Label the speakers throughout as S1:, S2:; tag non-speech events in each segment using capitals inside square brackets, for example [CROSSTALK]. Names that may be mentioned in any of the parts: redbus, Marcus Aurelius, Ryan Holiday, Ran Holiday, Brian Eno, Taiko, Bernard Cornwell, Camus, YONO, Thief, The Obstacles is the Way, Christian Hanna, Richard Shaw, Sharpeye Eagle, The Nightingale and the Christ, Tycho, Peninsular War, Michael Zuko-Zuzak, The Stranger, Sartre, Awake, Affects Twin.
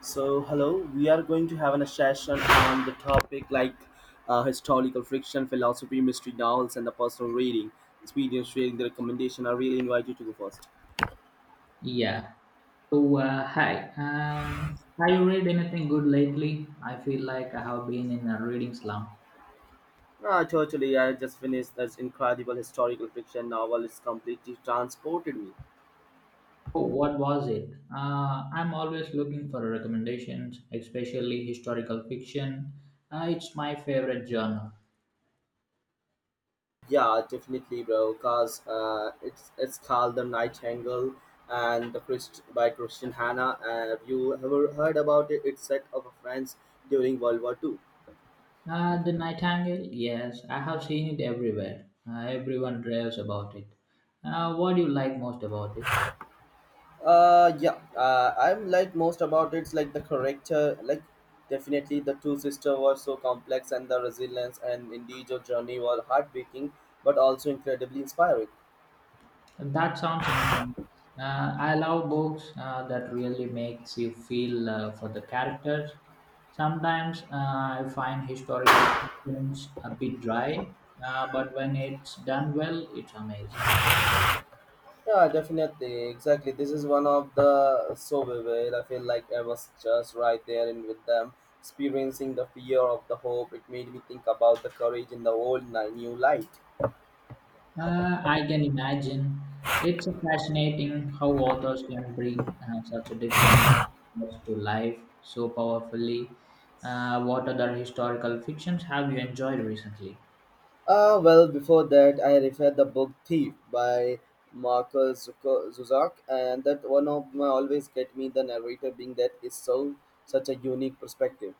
S1: So, hello, we are going to have an session on the topic like historical fiction, philosophy, mystery novels, and the personal reading. Experience reading the recommendation. I really invite you to go first.
S2: Yeah. So, hi. Have you read anything good lately? I feel like I have been in a reading slump.
S1: Ah, totally. I just finished this incredible historical fiction novel. It's completely transported me.
S2: Oh, what was it? I'm always looking for recommendations, especially historical fiction. It's my favorite genre.
S1: Yeah, definitely, bro. Cause it's called The Nightingale and the Christ by Christian Hanna. Have you ever heard about it? It's set of a France during World War Two.
S2: The Nightingale? Yes, I have seen it everywhere. Everyone raves about it. What do you like most about it?
S1: Yeah. I'm like most about it's like the character. Like, definitely the two sisters were so complex, and the resilience and individual journey were heartbreaking, but also incredibly inspiring.
S2: That sounds intense. I love books that really makes you feel for the characters. Sometimes, I find historical fictions a bit dry, but when it's done well, it's amazing.
S1: Yeah, definitely, exactly. This is one of the so vivid. I feel like I was just right there and with them, experiencing the fear of the hope. It made me think about the courage in the new light.
S2: I can imagine. It's fascinating how authors can bring such a different ideas to life so powerfully. What other historical fictions have you enjoyed recently?
S1: Well, before that, I read the book Thief by Michael Zuzak, and that one of my always get me the narrator being that is so such a unique perspective.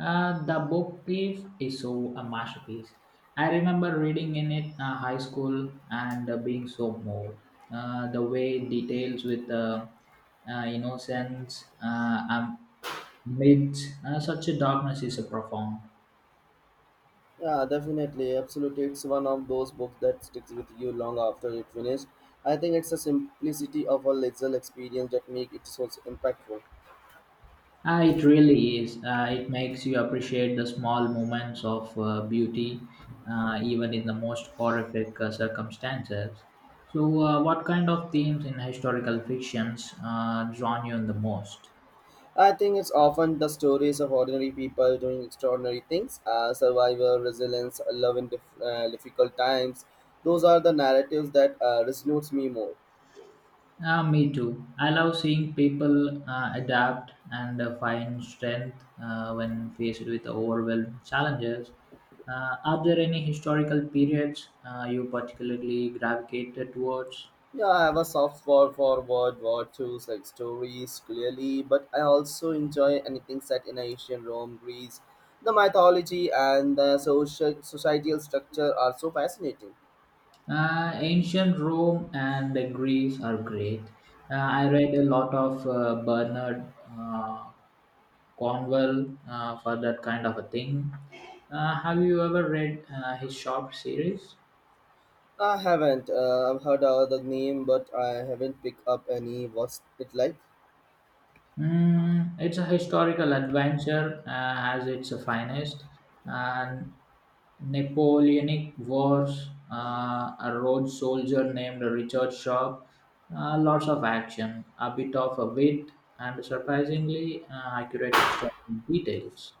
S2: The book Thief is so a masterpiece. I remember reading in it high school and being so moved. The way details with innocence amidst such a darkness is a profound.
S1: Yeah, definitely, absolutely. It's one of those books that sticks with you long after it finished. I think it's the simplicity of a little experience that make it so impactful.
S2: It really is. It makes you appreciate the small moments of beauty, even in the most horrific circumstances. So, what kind of themes in historical fictions drawn you in the most?
S1: I think it's often the stories of ordinary people doing extraordinary things, survival, resilience, love in difficult times. Those are the narratives that resonates me more.
S2: Me too. I love seeing people adapt and find strength when faced with overwhelming challenges. Are there any historical periods you particularly gravitated towards?
S1: Yeah, I have a soft spot for World War Two's like stories, clearly, but I also enjoy anything set in ancient Rome, Greece. The mythology and the social societal structure are so fascinating.
S2: Ancient Rome and Greece are great. I read a lot of Bernard Cornwell for that kind of a thing. Have you ever read his short series?
S1: I haven't. I've heard of the name, but I haven't picked up any. What's it like?
S2: Mm, it's a historical adventure as its finest, and Napoleonic Wars, a road soldier named Richard Shaw, lots of action, a bit of a wit, and surprisingly accurate historical details.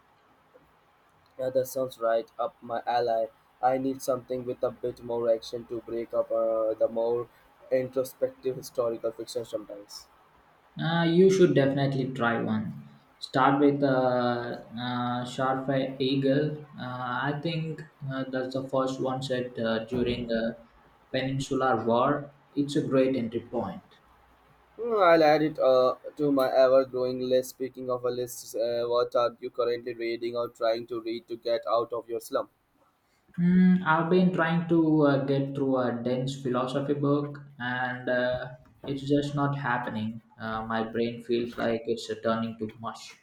S1: Yeah, that sounds right up my alley. I need something with a bit more action to break up the more introspective historical fiction sometimes.
S2: You should definitely try one. Start with a Sharpeye Eagle. I think that's the first one set during the Peninsular War. It's a great entry point.
S1: Hmm, I'll add it to my ever-growing list. Speaking of a list, what are you currently reading or trying to read to get out of your slump?
S2: Mm, I've been trying to get through a dense philosophy book, and it's just not happening. My brain feels like it's turning to mush.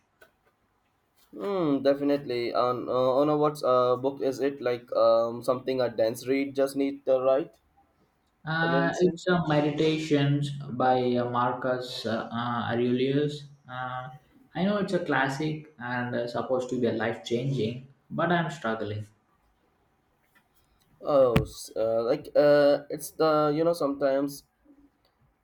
S1: Hmm, definitely. On a what's book is it like something a dense read just need the right dimension?
S2: It's a Meditations by Marcus Aurelius. I know it's a classic and supposed to be a life changing, but I'm struggling.
S1: Oh, like it's the sometimes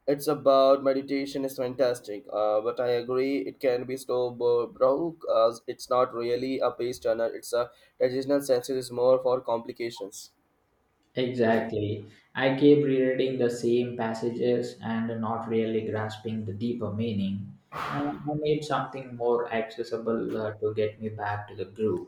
S1: it's about meditation is fantastic but I agree it can be slow broke as it's not really a page turner, it's a traditional sense, it is more for complications.
S2: Exactly. I keep rereading the same passages and not really grasping the deeper meaning. I need something more accessible to get me back to the groove.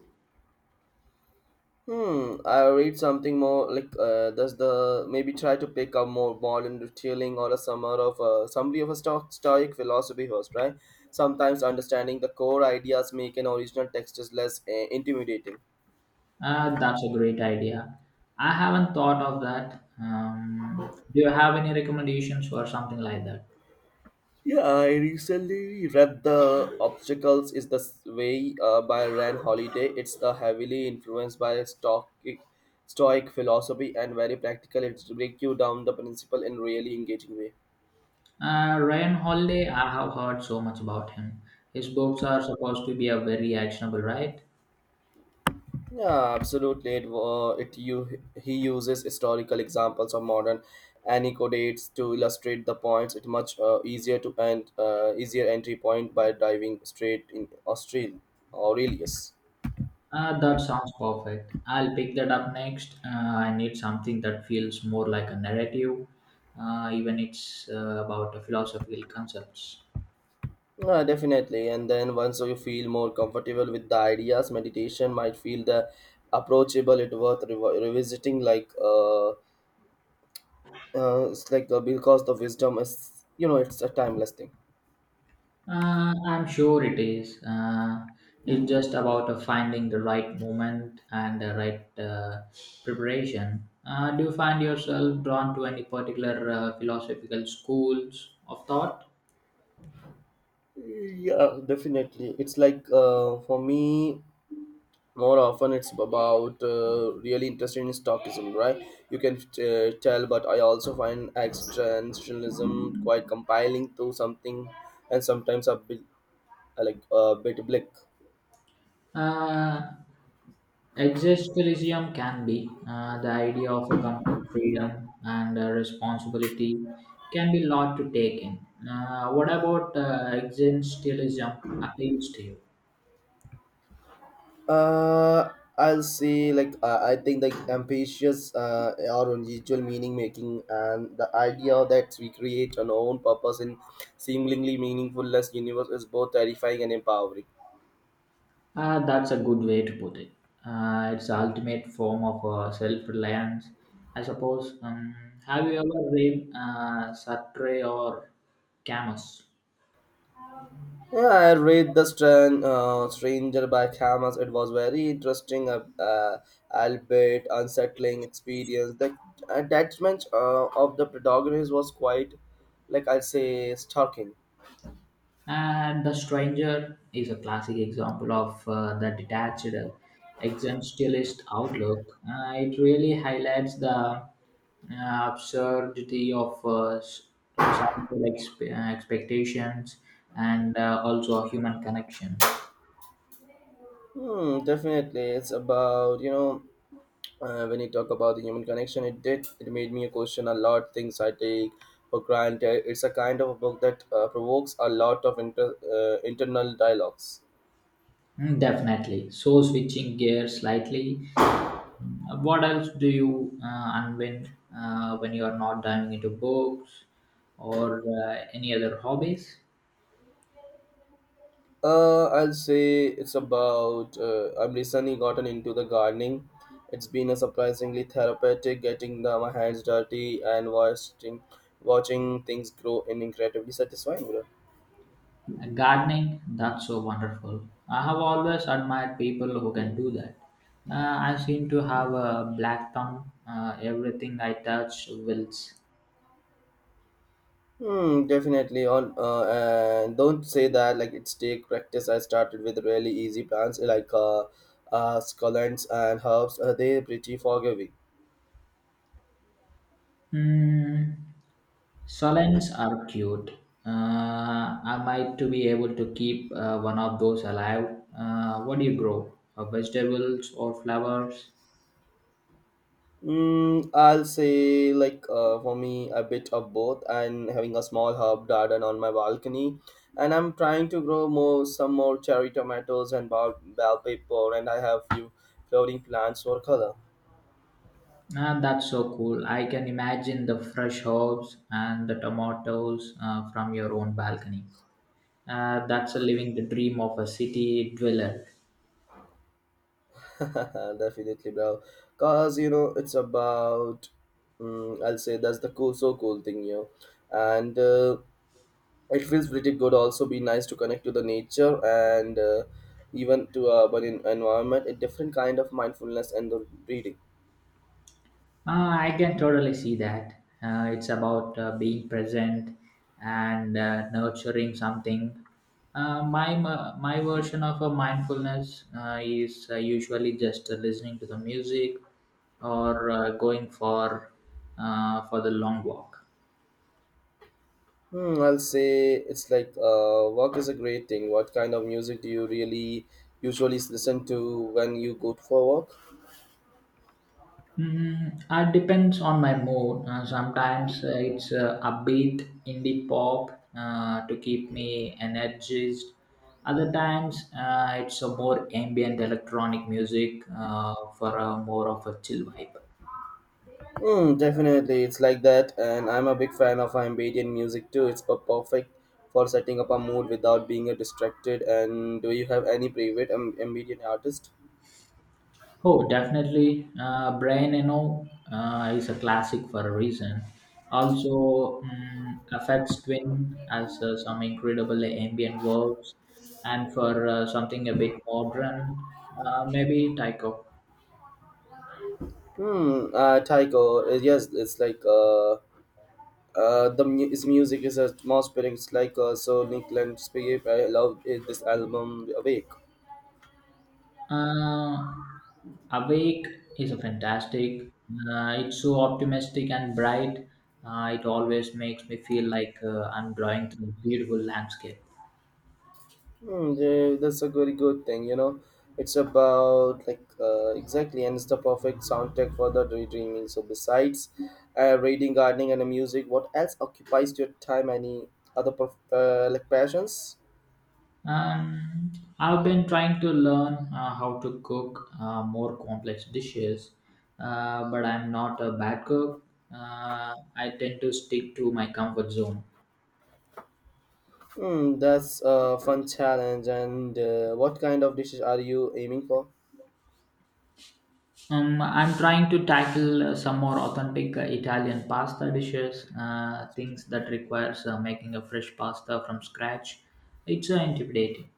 S1: Hmm, I read something more like, does the maybe try to pick up more modern retailing or a summer of summary of a stock stoic philosophy host, right? Sometimes understanding the core ideas make an original text is less intimidating.
S2: That's a great idea. I haven't thought of that. Do you have any recommendations for something like that?
S1: Yeah, I recently read The Obstacles is the Way by Ran Holiday. It's the heavily influenced by Stoic philosophy and very practical. It breaks you down the principle in really engaging way.
S2: Ryan Holiday, I have heard so much about him. His books are supposed to be a very actionable, right?
S1: Yeah, absolutely. It, wa- it you He uses historical examples of modern anecdotes to illustrate the points. It's much easier to and easier entry point by diving straight in Austral Aurelius.
S2: That sounds perfect. I'll pick that up next. I need something that feels more like a narrative, even it's about a philosophical concepts.
S1: Definitely. And then once you feel more comfortable with the ideas, meditation might feel the approachable. It worth revisiting, like it's like because the wisdom is, you know, it's a timeless thing.
S2: I'm sure it is. It's just about finding the right moment and the right preparation. Do you find yourself drawn to any particular philosophical schools of thought?
S1: Yeah, definitely. It's like for me, more often it's about really interested in stockism, right? You can tell, but I also find existentialism quite compiling to something, and sometimes a bit like a bit bleak.
S2: Uh, Existentialism can be the idea of a complete freedom and responsibility can be a lot to take in. What about existentialism appeals to you?
S1: Uh, I'll say like I think like ambitious or unusual meaning making and the idea that we create an own purpose in seemingly meaningless universe is both terrifying and empowering.
S2: That's a good way to put it. It's the ultimate form of self-reliance, I suppose. Have you ever read Sartre or Camus?
S1: Yeah, I read the Stranger by Camus. It was very interesting, albeit unsettling experience. The attachment of the protagonist was quite, like I'll say, stalking.
S2: And The Stranger is a classic example of the detached existentialist outlook. It really highlights the absurdity of societal expectations and also human connections.
S1: Hmm, definitely. It's about, you know, when you talk about the human connection, it did, it made me question a lot things I take for granted. It's a kind of a book that provokes a lot of internal dialogues.
S2: Mm, definitely. So, switching gears slightly, what else do you unwind when you are not diving into books or any other hobbies?
S1: I'll say it's about, I've recently gotten into the gardening. It's been a surprisingly therapeutic getting the, my hands dirty and watching things grow in incredibly satisfying way.
S2: Gardening, that's so wonderful. I have always admired people who can do that. I seem to have a black thumb. Everything I touch wilts.
S1: Hmm, definitely. On and don't say that like it's take practice. I started with really easy plants like scallions and herbs. They're pretty forgiving.
S2: Hmm. Solens are cute. Uh, I might to be able to keep one of those alive. What do you grow? Vegetables or flowers?
S1: Mm, I'll say like for me a bit of both, and having a small herb garden on my balcony, and I'm trying to grow more some more cherry tomatoes and bell pepper, and I have few flowering plants for color.
S2: Ah, that's so cool. I can imagine the fresh herbs and the tomatoes from your own balcony. That's a living the dream of a city dweller.
S1: [LAUGHS] Definitely, bro. Cause you know it's about, I'll say that's the so cool thing, you know, and it feels pretty good. Also, be nice to connect to the nature, and even to urban environment. A different kind of mindfulness and the reading.
S2: I can totally see that. It's about being present and nurturing something. My version of a mindfulness is usually just listening to the music or going for the long walk.
S1: Hmm, I'll say it's like work is a great thing. What kind of music do you really usually listen to when you go for work?
S2: Mm, it depends on my mood. Sometimes, it's upbeat indie pop to keep me energized. Other times it's a more ambient electronic music for a more of a chill vibe.
S1: Mm, definitely, it's like that, and I'm a big fan of ambient music too. It's perfect for setting up a mood without being distracted. And do you have any favorite ambient artist?
S2: Oh, definitely. Brian Eno is a classic for a reason. Also, affects Twin has some incredible ambient works, and for something a bit modern, maybe Tycho.
S1: Hmm, Taiko. Uh, yes, it's like his music is atmospheric. It's like so Nick Landscape. I love it, this album, Awake.
S2: Uh, Awake is a fantastic. It's so optimistic and bright. It always makes me feel like I'm drawing through a beautiful landscape.
S1: Hmm, yeah, that's a very good thing, you know. It's about like exactly, and it's the perfect soundtrack for the daydreaming. So besides reading, gardening, and music, what else occupies your time? Any other like passions?
S2: Um, I've been trying to learn how to cook more complex dishes, but I'm not a bad cook. I tend to stick to my comfort zone.
S1: Hmm, that's a fun challenge. And what kind of dishes are you aiming for?
S2: I'm trying to tackle some more authentic Italian pasta dishes, things that requires making a fresh pasta from scratch. It's intimidating.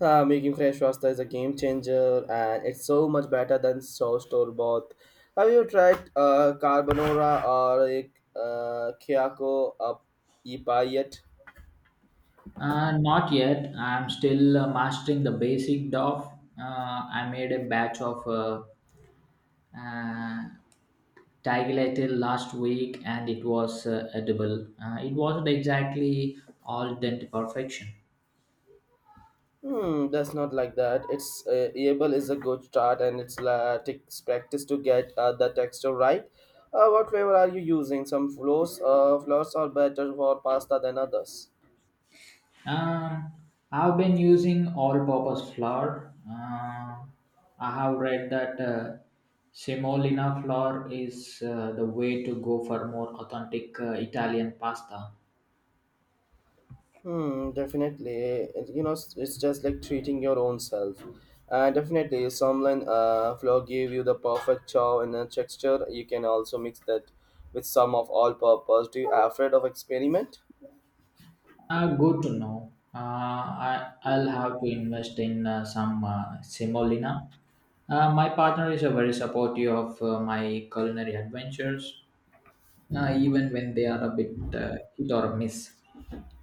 S1: Making fresh pasta is a game changer and it's so much better than so store bought. Have you tried carbonara or a Kiyako up ipa yet?
S2: Not yet. I'm still mastering the basic dough. I made a batch of uh, Tiger last week and it was edible. It wasn't exactly all done to perfection.
S1: Hmm, that's not like that. It's able is a good start and it's takes practice to get the texture right. What flavor are you using? Some flours, flours are better for pasta than others.
S2: Um, I've been using all-purpose flour. I have read that semolina flour is the way to go for more authentic Italian pasta.
S1: Hmm, definitely. It, you know, it's just like treating your own self. Definitely, someone flour give you the perfect chow and a texture. You can also mix that with some of all-purpose. Do you afraid of experiment?
S2: Good to know. I'll have to invest in some semolina. My partner is a very supportive of my culinary adventures, even when they are a bit hit or miss.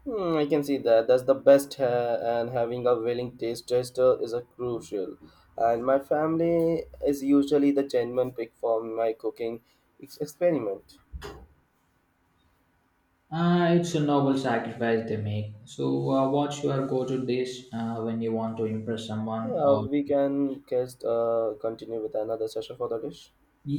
S1: Hmm, I can see that. That's the best, and having a willing taste tester is a crucial. And my family is usually the genuine pick for my cooking experiment.
S2: It's a noble sacrifice they make. So, what's your go to dish when you want to impress someone
S1: Yeah,
S2: or
S1: we can just continue with another session for the dish.